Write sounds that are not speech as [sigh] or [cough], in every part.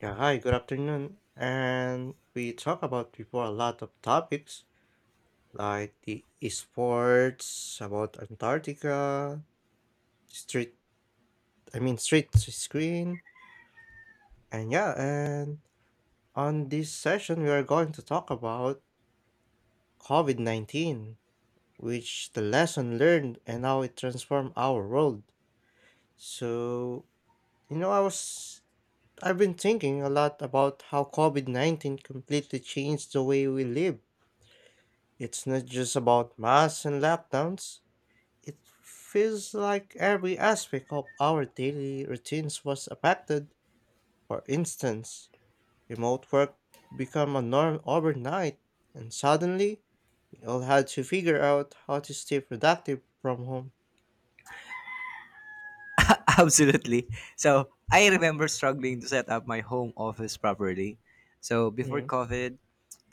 Yeah, hi, good afternoon. And we talk about before a lot of topics like the esports, about Antarctica, street, street screen. And on this session, we are going to talk about COVID-19, which the lesson learned and how it transformed our world. So, you know, I was, I've been thinking a lot about how COVID-19 completely changed the way we live. It's not just about masks and lockdowns. It feels like every aspect of our daily routines was affected. For instance, remote work became a norm overnight, and suddenly we all had to figure out how to stay productive from home. [laughs] Absolutely. So I remember struggling to set up my home office properly. So before Mm. COVID,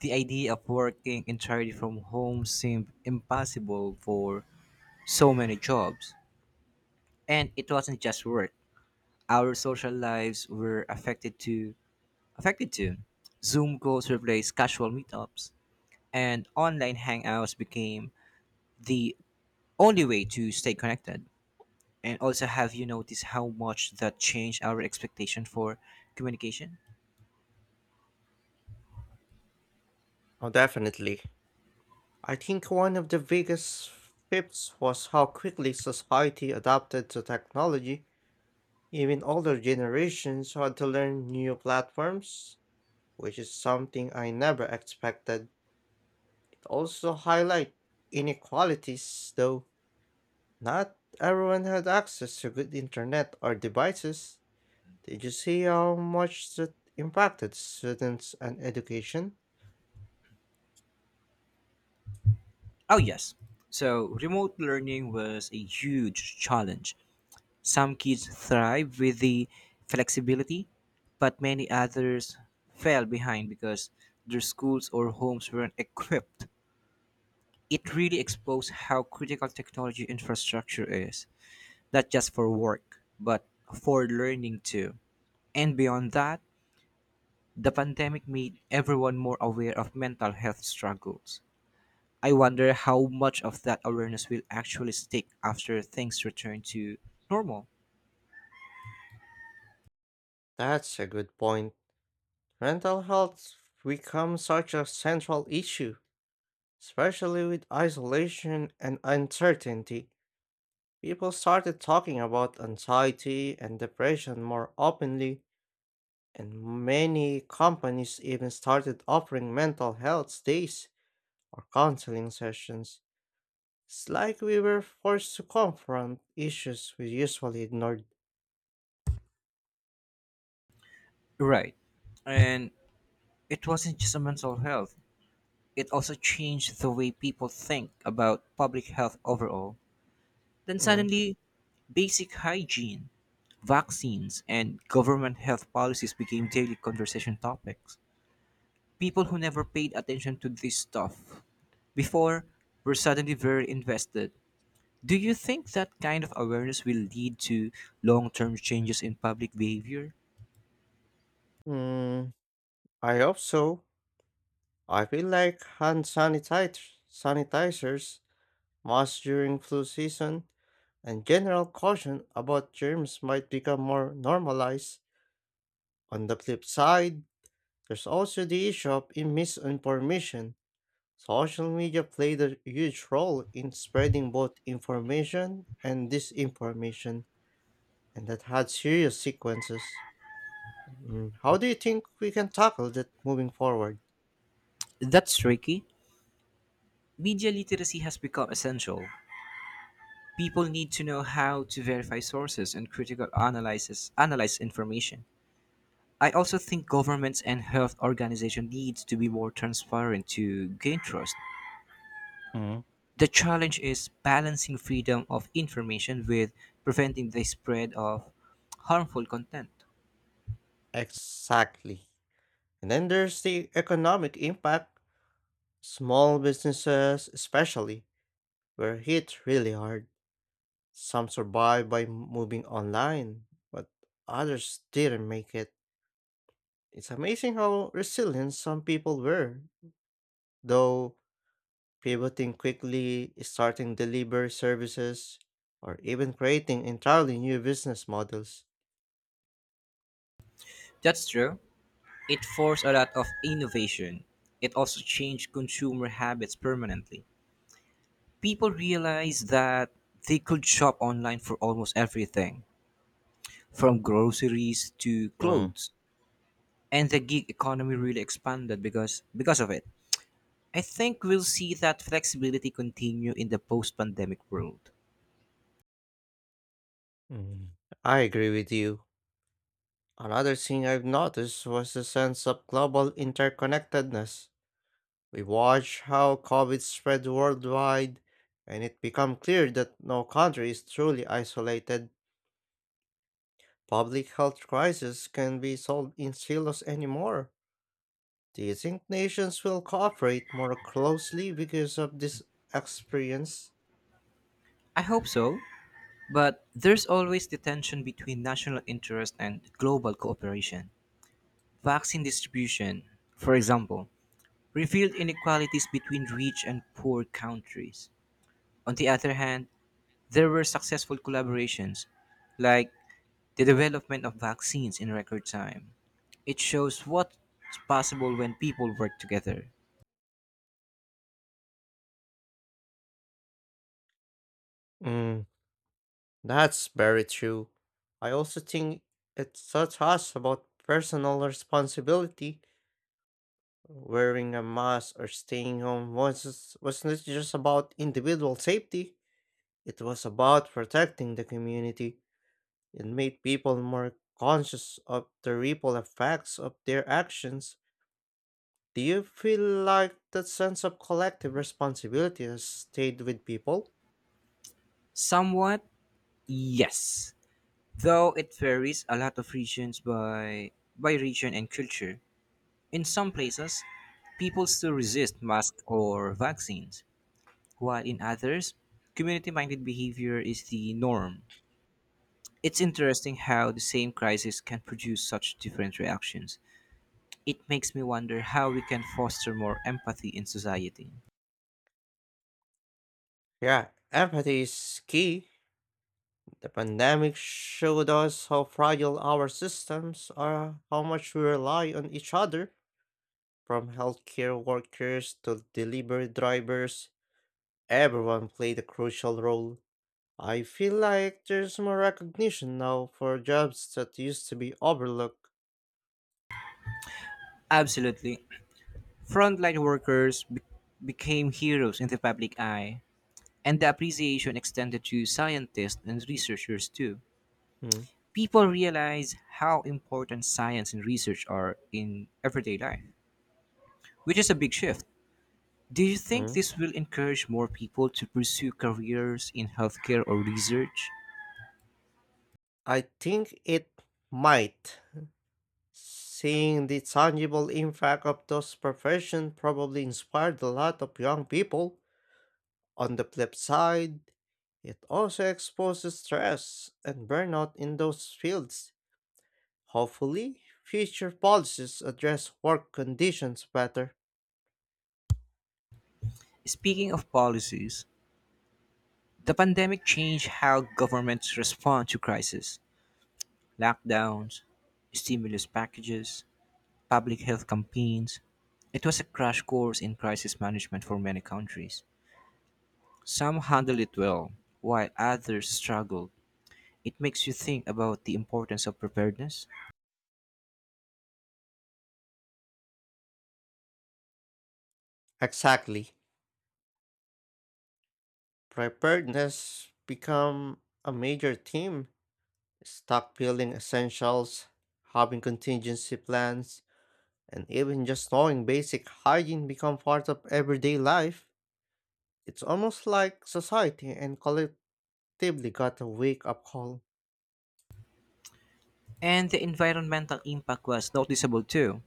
the idea of working entirely from home seemed impossible for so many jobs. And it wasn't just work. Our social lives were affected too. affected too. Zoom calls replaced casual meetups and online hangouts became the only way to stay connected. And also, have you noticed how much that changed our expectation for communication? Oh, definitely. I think one of the biggest shifts was how quickly society adapted to technology. Even older generations had to learn new platforms, which is something I never expected. It also highlight inequalities, though not everyone had access to good internet or devices. Did you see how much that impacted students and education? Oh, yes. So, remote learning was a huge challenge. Some kids thrive with the flexibility, but many others fell behind because their schools or homes weren't [laughs] equipped. It really exposed how critical technology infrastructure is, not just for work, but for learning too. And beyond that, the pandemic made everyone more aware of mental health struggles. I wonder how much of that awareness will actually stick after things return to normal. That's a good point. Mental health becomes such a central issue, especially with isolation and uncertainty. People started talking about anxiety and depression more openly. And many companies even started offering mental health days or counseling sessions. It's like we were forced to confront issues we usually ignored. Right. And it wasn't just a mental health, it also changed the way people think about public health overall. Then Mm. suddenly, basic hygiene, vaccines, and government health policies became daily conversation topics. People who never paid attention to this stuff before were suddenly very invested. Do you think that kind of awareness will lead to long term changes in public behavior? Mm, I hope so. I feel like sanitizers, masks during flu season, and general caution about germs might become more normalized. On the flip side, there's also the issue of misinformation. Social media played a huge role in spreading both information and disinformation, and that had serious sequences. How do you think we can tackle that moving forward? That's tricky. Media literacy has become essential. People need to know how to verify sources and critical analysis analyze information. I also think governments and health organizations need to be more transparent to gain trust. Mhm. The challenge is balancing freedom of information with preventing the spread of harmful content. Exactly. And then there's the economic impact. Small businesses, especially, were hit really hard. Some survived by moving online, but others didn't make it. It's amazing how resilient some people were, though pivoting quickly, starting delivery services, or even creating entirely new business models. That's true. It forced a lot of innovation. It also changed consumer habits permanently. People realized that they could shop online for almost everything, from groceries to Mm, clothes. And the gig economy really expanded because of it. I think we'll see that flexibility continue in the post-pandemic world. mm. I agree with you. Another thing I've noticed was the sense of global interconnectedness. We watched how COVID spread worldwide, and it became clear that no country is truly isolated. Public health crises can be solved in silos anymore. Do you think nations will cooperate more closely because of this experience? I hope so. But there's always the tension between national interest and global cooperation. Vaccine distribution, for example, revealed inequalities between rich and poor countries. On the other hand, there were successful collaborations, like the development of vaccines in record time. It shows what's possible when people work together. Mm, that's very true. I also think it taught us about personal responsibility. Wearing a mask or staying home was not just about individual safety. It was about protecting the community. It made people more conscious of the ripple effects of their actions. Do you feel like that sense of collective responsibility has stayed with people? Somewhat, yes. Though it varies a lot of regions by region and culture. In some places, people still resist masks or vaccines, while in others, community minded behavior is the norm. It's interesting how the same crisis can produce such different reactions. It makes me wonder how we can foster more empathy in society. Yeah, empathy is key. The pandemic showed us how fragile our systems are, how much we rely on each other. From healthcare workers to delivery drivers, everyone played a crucial role. I feel like there's more recognition now for jobs that used to be overlooked. Absolutely. Frontline workers be- became heroes in the public eye, and the appreciation extended to scientists and researchers too. Mm, People realize how important science and research are in everyday life, which is a big shift. Do you think mm. this will encourage more people to pursue careers in healthcare or research? I think it might. Seeing the tangible impact of those professions probably inspired a lot of young people. On the flip side, it also exposes stress and burnout in those fields. Hopefully, future policies address work conditions better. Speaking of policies, the pandemic changed how governments respond to crises. Lockdowns, stimulus packages, public health campaigns. It was a crash course in crisis management for many countries. Some handled it well, while others struggled. It makes you think about the importance of preparedness. Exactly. Preparedness become a major theme. Stockpiling essentials, having contingency plans, and even just knowing basic hygiene become part of everyday life, it's almost like society and collectively got a wake up call. And the environmental impact was noticeable too.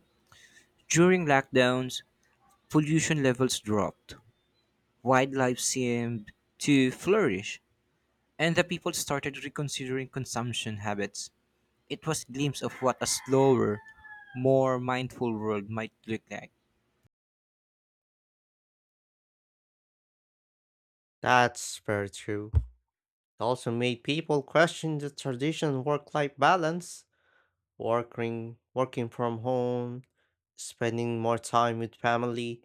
During lockdowns, pollution levels dropped, wildlife seemed to flourish, and the people started reconsidering consumption habits. It was a glimpse of what a slower, more mindful world might look like. That's very true. It also made people question the traditional work life balance, working from home, spending more time with family,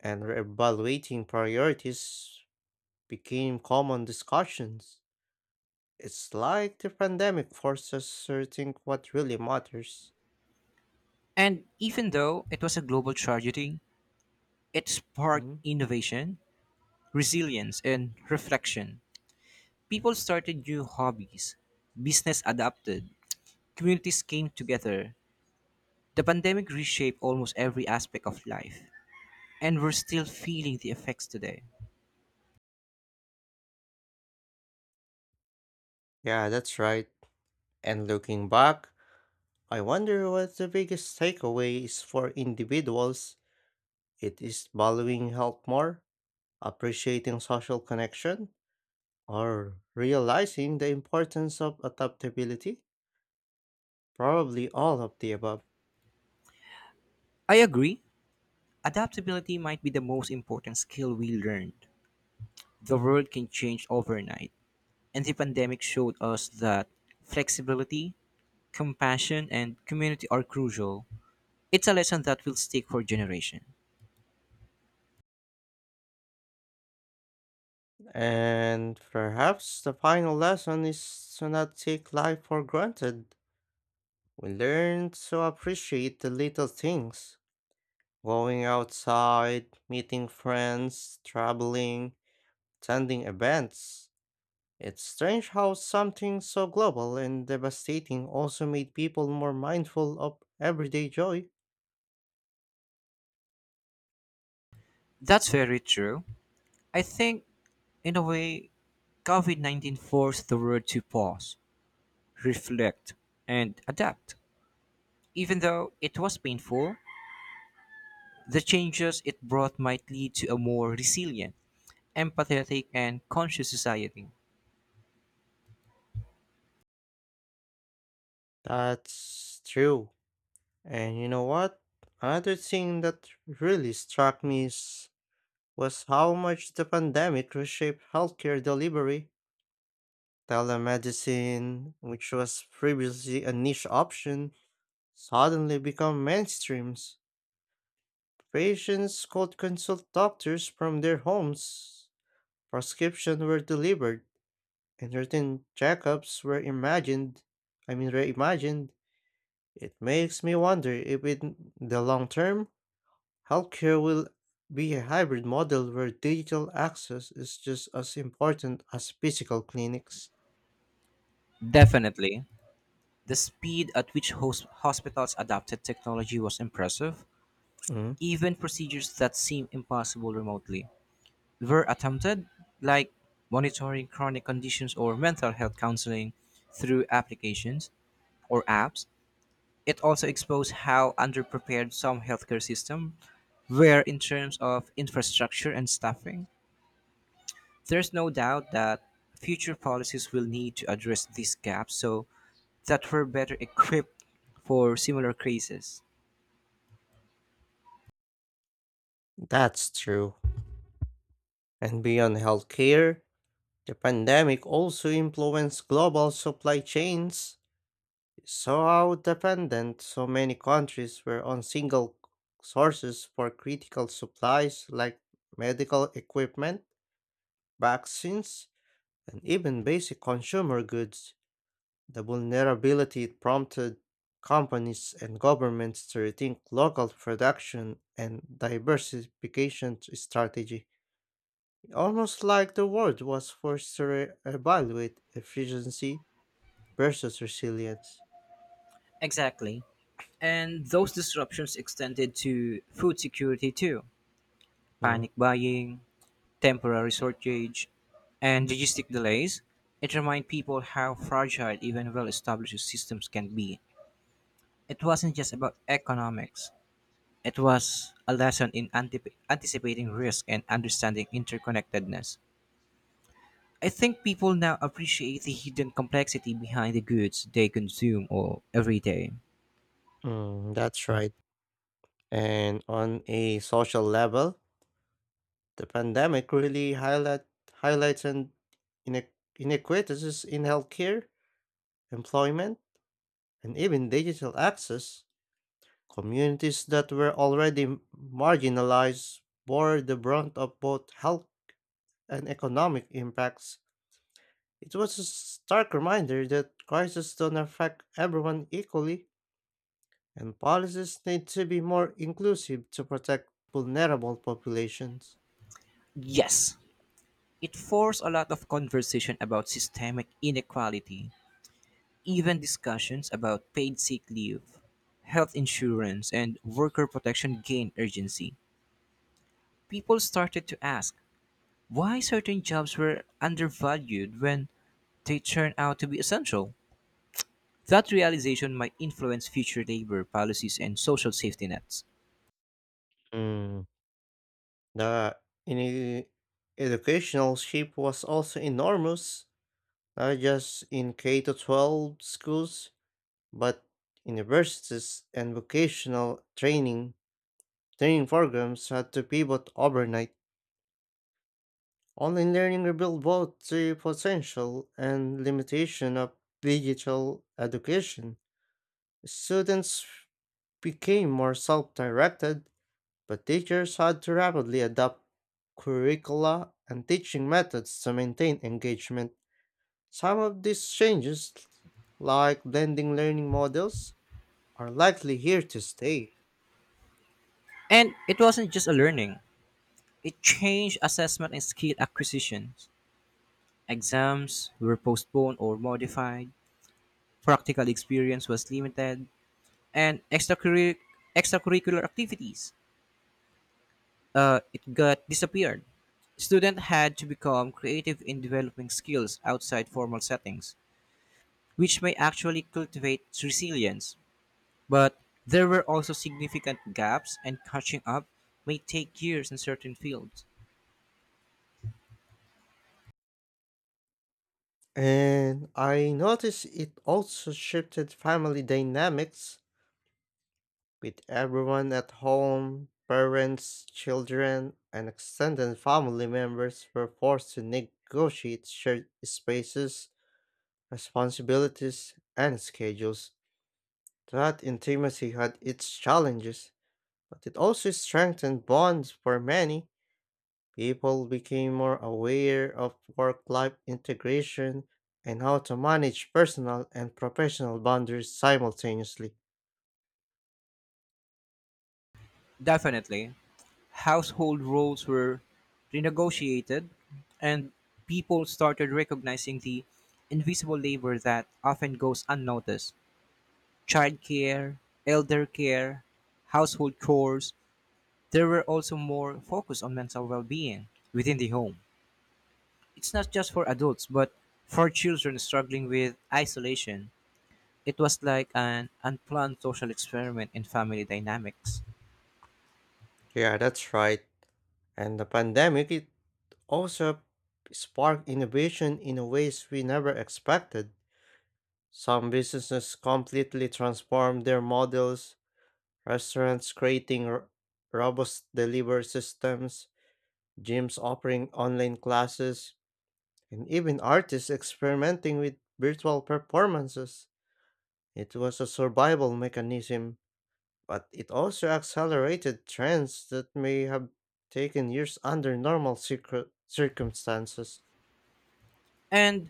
and reevaluating priorities became common discussions. It's like the pandemic forces us to think what really matters. And even though it was a global tragedy, it sparked Hmm? innovation, resilience, and reflection. People started new hobbies, business adapted, communities came together. The pandemic reshaped almost every aspect of life, and we're still feeling the effects today. Yeah, that's right. And looking back, I wonder what the biggest takeaway is for individuals. It is valuing health more, appreciating social connection, or realizing the importance of adaptability. Probably all of the above. I agree, adaptability might be the most important skill we learned. The world can change overnight, and the pandemic showed us that flexibility, compassion, and community are crucial. It's a lesson that will stick for generations. And perhaps the final lesson is to not take life for granted. We learn to appreciate the little things going outside, meeting friends, traveling attending events, it's strange how something so global and devastating also made people more mindful of everyday joy. That's very true. I think, in a way, COVID 19 forced the world to pause, reflect, and adapt. Even though it was painful, the changes it brought might lead to a more resilient, empathetic, and conscious society. That's true. And you know what? Another thing that really struck me was how much the pandemic reshaped healthcare delivery. Telemedicine, which was previously a niche option, suddenly became mainstreams. Patients could consult doctors from their homes, prescriptions were delivered, and routine checkups were reimagined. It makes me wonder if, in the long term, healthcare will be a hybrid model where digital access is just as important as physical clinics. Definitely, the speed at which hospitals adopted technology was impressive, Mm, even procedures that seem impossible remotely. Were attempted, like monitoring chronic conditions or mental health counseling through applications or apps. It also exposed how underprepared some healthcare systems were in terms of infrastructure and staffing. There's no doubt that future policies will need to address these gaps so that we're better equipped for similar crises. that's true. And beyond healthcare, the pandemic also influenced global supply chains. So how dependent so many countries were on single sources for critical supplies like medical equipment, vaccines, and even basic consumer goods. The vulnerability prompted companies and governments to rethink local production and diversification strategy. Almost like the world was forced to re- evaluate efficiency versus resilience. Exactly. And those disruptions extended to food security too. Mm, Panic buying, temporary shortage, and logistic delays, it reminded people how fragile even well established systems can be. It wasn't just about economics, it was a lesson in antip anticipating risk and understanding interconnectedness. I think people now appreciate the hidden complexity behind the goods they consume or every day. That's right. And on a social level, the pandemic really highlights and ine- inequities in healthcare, employment, and even digital access. Communities that were already marginalized bore the brunt of both health and economic impacts. It was a stark reminder that crises don't affect everyone equally, and policies need to be more inclusive to protect vulnerable populations. Yes, it forced a lot of conversation about systemic inequality. Even discussions about paid sick leave, health insurance, and worker protection gained urgency. People started to ask why certain jobs were undervalued when they turn out to be essential. That realization might influence future labor policies and social safety nets. Mm, the in educational shift was also enormous, not just in K to 12 schools, but universities and vocational training programs had to pivot overnight. Online learning revealed both the potential and limitation of digital education. Students became more self-directed, but teachers had to rapidly adapt curricula and teaching methods to maintain engagement. Some of these changes, like blending learning models, are likely here to stay. And it wasn't just a learning, it changed assessment and skill acquisitions. Exams were postponed or modified, practical experience was limited, and extracurricular activities. It got disappeared. Students had to become creative in developing skills outside formal settings, which may actually cultivate resilience. But there were also significant gaps, and catching up may take years in certain fields. And I noticed it also shifted family dynamics with everyone at home, parents, children, and extended family members were forced to negotiate shared spaces responsibilities, and schedules. That intimacy had its challenges, but it also strengthened bonds for many. People became more aware of work life integration and how to manage personal and professional boundaries simultaneously. Definitely, household roles were renegotiated, and people started recognizing the invisible labor that often goes unnoticed. Childcare, elder care, household chores. There were also more focus on mental well being within the home. It's not just for adults, but for children struggling with isolation. It was like an unplanned social experiment in family dynamics. Yeah, that's right. And the pandemic it also sparked innovation in ways we never expected. Some businesses completely transformed their models restaurants creating robust delivery systems, gyms offering online classes, and even artists experimenting with virtual performances. It was a survival mechanism, but it also accelerated trends that may have taken years under normal circumstances. And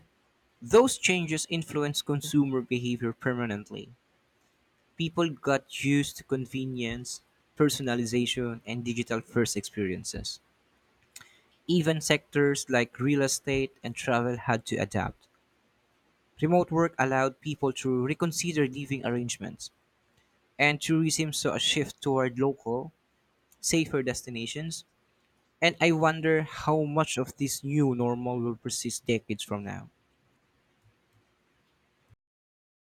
those changes influenced consumer behavior permanently. People got used to convenience, personalization, and digital first experiences. Even sectors like real estate and travel had to adapt. Remote work allowed people to reconsider living arrangements, and tourism saw a shift toward local, safer destinations. And I wonder how much of this new normal will persist decades from now.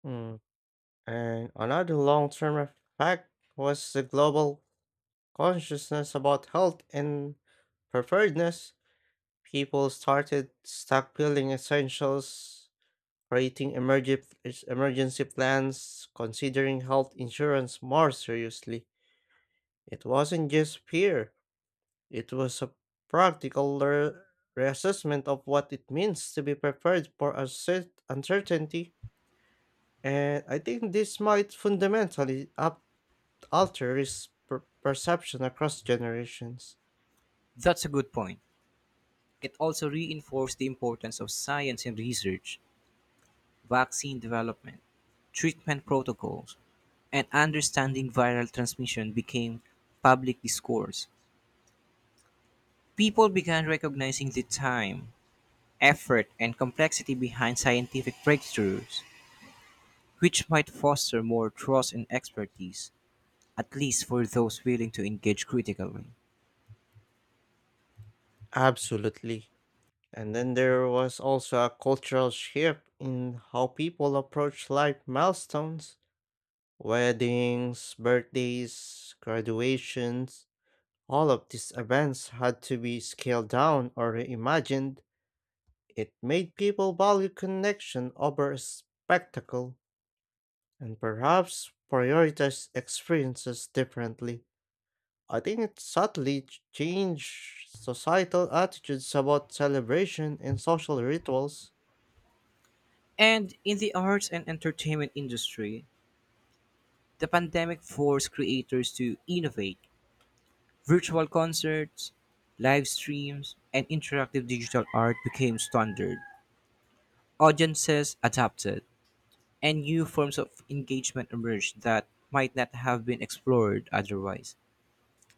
Mm. And another long term effect was the global consciousness about health and preparedness. People started stockpiling essentials, creating emergency plans, considering health insurance more seriously. It wasn't just fear, it was a practical reassessment of what it means to be prepared for uncertainty. And I think this might fundamentally alter risk perception across generations. That's a good point. It also reinforced the importance of science and research, vaccine development, treatment protocols, and understanding viral transmission became public discourse. People began recognizing the time, effort, and complexity behind scientific breakthroughs, which might foster more trust and expertise, at least for those willing to engage critically. Absolutely. And then there was also a cultural shift in how people approach life milestones, weddings, birthdays, graduations. All of these events had to be scaled down or reimagined. It made people value connection over spectacle and perhaps prioritize experiences differently. I think it subtly changed societal attitudes about celebration and social rituals. And in the arts and entertainment industry, the pandemic forced creators to innovate. Virtual concerts, live streams, and interactive digital art became standard. Audiences adapted, and new forms of engagement emerged that might not have been explored otherwise.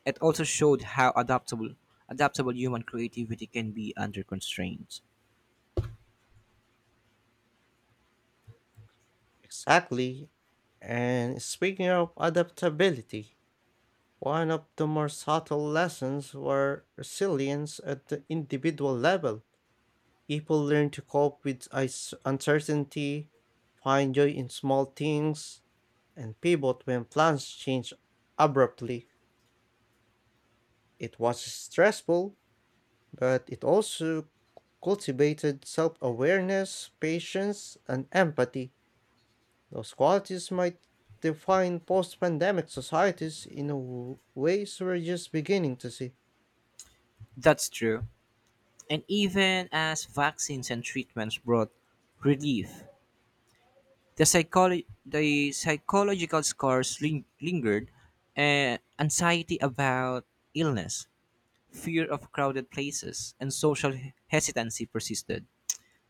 It also showed how adaptable human creativity can be under constraints. Exactly. And speaking of adaptability, one of the more subtle lessons were resilience at the individual level. People learn to cope with uncertainty, find joy in small things, and pivot when plans change abruptly. It was stressful, but it also cultivated self awareness, patience, and empathy. Those qualities might define post pandemic societies in a ways we're just beginning to see. That's true. And even as vaccines and treatments brought relief, the psychological scars lingered and anxiety about illness, fear of crowded places, and social hesitancy persisted.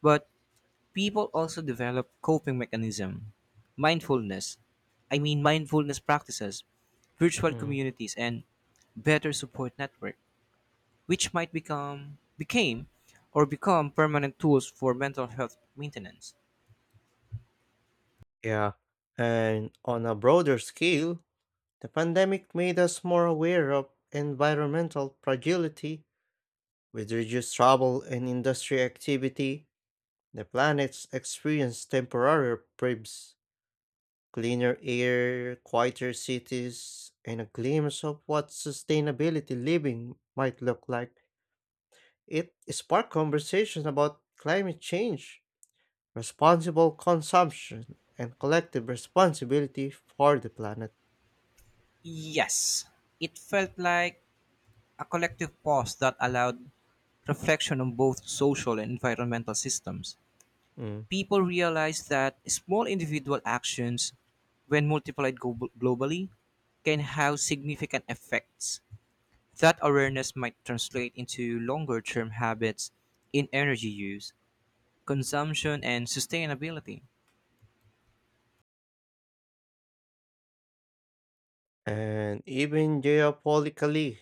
But people also develop coping mechanism mindfulness mindfulness practices, virtual Mm. communities, and better support network, which might become became or become permanent tools for mental health maintenance. Yeah. And on a broader scale, the pandemic made us more aware of environmental fragility with reduced travel and industry activity. The planet's experienced temporary breaks, cleaner air, quieter cities, and a glimpse of what sustainability living might look like. It sparked conversations about climate change, responsible consumption, and collective responsibility for the planet. Yes, it felt like a collective pause that allowed reflection on both social and environmental systems. Mm. People realize that small individual actions, when multiplied globally can have significant effects. That awareness might translate into longer term habits in energy use, consumption, and sustainability. And even geopolitically,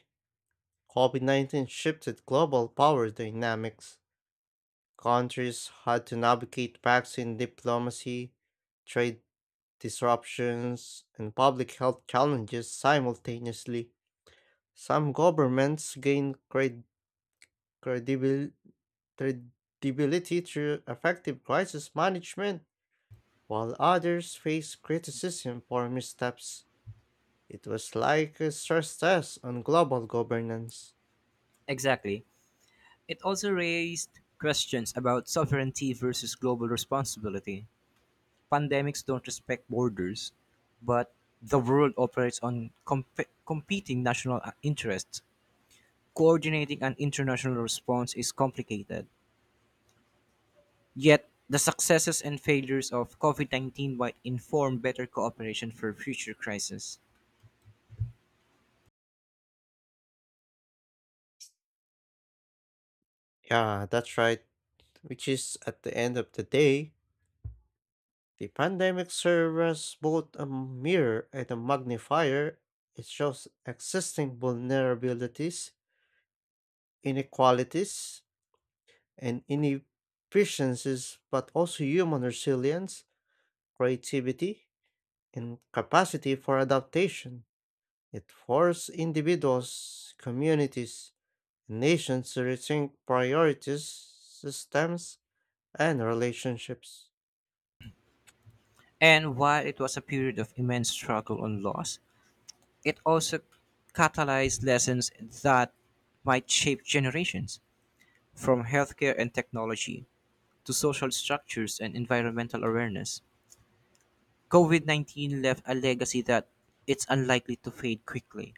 COVID 19 shifted global power dynamics. Countries had to navigate vaccine diplomacy, trade disruptions, and public health challenges simultaneously. Some governments gained credibility credibility through effective crisis management, while others face criticism for missteps. It was like a stress test on global governance. Exactly. It also raised questions about sovereignty versus global responsibility. Pandemics don't respect borders, but the world operates on competing national interests. Coordinating an international response is complicated, yet the successes and failures of COVID-19 might inform better cooperation for future crises. Yeah, that's right. Which is, at the end of the day, the pandemic serves as both a mirror and a magnifier. It shows existing vulnerabilities, inequalities, and inefficiencies, but also human resilience, creativity, and capacity for adaptation. It forces individuals, communities, and nations to rethink priorities, systems, and relationships. And while it was a period of immense struggle and loss, it also catalyzed lessons that might shape generations, from healthcare and technology to social structures and environmental awareness. COVID 19 left a legacy that it's unlikely to fade quickly.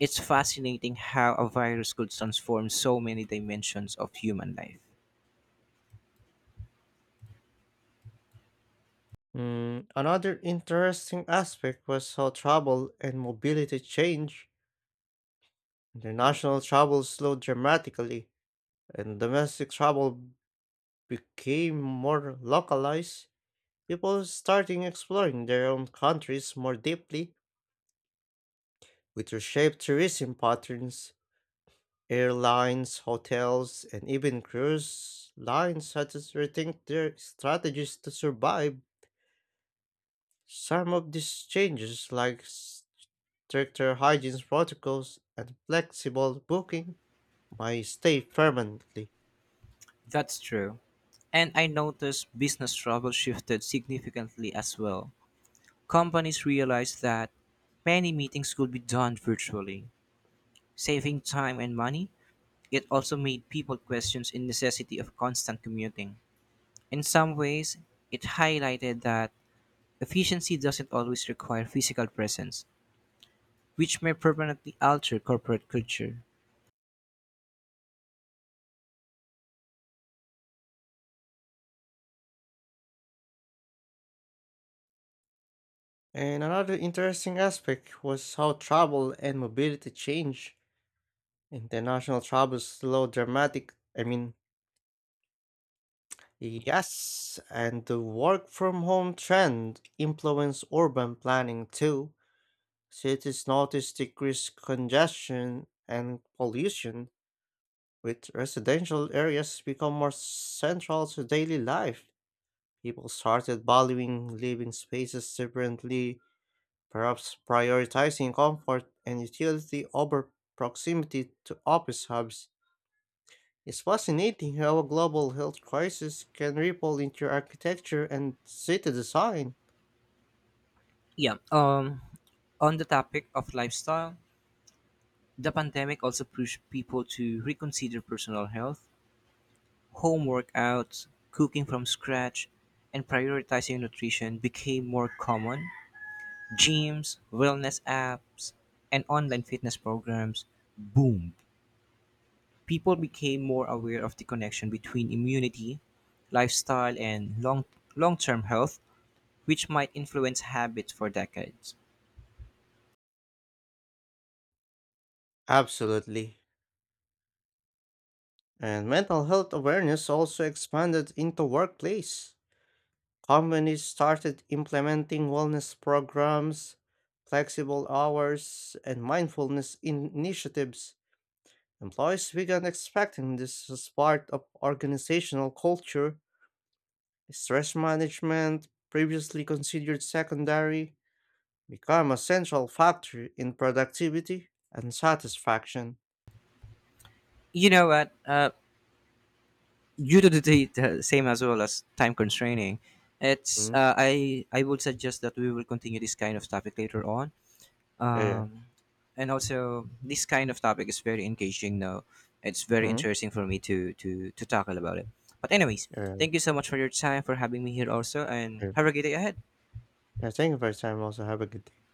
It's fascinating how a virus could transform so many dimensions of human life. Mm, another interesting aspect was how travel and mobility change. International travel slowed dramatically, and domestic travel became more localized. People starting exploring their own countries more deeply, which reshaped tourism patterns airlines, hotels, and even cruise lines had to rethink their strategies to survive. Some of these changes, like stricter hygiene protocols and flexible booking, might stay permanently. That's true. And I noticed business travel shifted significantly as well. Companies realized that many meetings could be done virtually, saving time and money. It also made people question the necessity of constant commuting. In some ways, it highlighted that efficiency doesn't always require physical presence, which may permanently alter corporate culture. And another interesting aspect was how travel and mobility change. International travel slowed dramatic. I mean, yes, and the work from home trend influenced urban planning too. Cities notice decreased congestion and pollution, with residential areas become more central to daily life. People started valuing living spaces differently, perhaps prioritizing comfort and utility over proximity to office hubs. It's fascinating how a global health crisis can ripple into architecture and city design. Yeah. On the topic of lifestyle, the pandemic also pushed people to reconsider personal health. Home workouts, cooking from scratch, and prioritizing nutrition became more common. Gyms, wellness apps, and online fitness programs boomed. People became more aware of the connection between immunity, lifestyle, and long term health, which might influence habits for decades. Absolutely. And mental health awareness also expanded into workplace. Companies started implementing wellness programs, flexible hours, and mindfulness initiatives. Employees began expecting this as part of organizational culture. Stress management, previously considered secondary, became a central factor in productivity and satisfaction. You know what? Due to the same as well as time constraining, it's Mm, I would suggest that we will continue this kind of topic later on, yeah, yeah. um and also this kind of topic is very engaging now. It's very Mm, interesting for me to tackle about it, but anyways, yeah, yeah. thank you so much for your time for having me here also, and Yeah. have a great day ahead. Yeah, thank you for your time. Also, have a good day.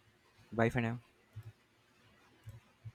Bye for now.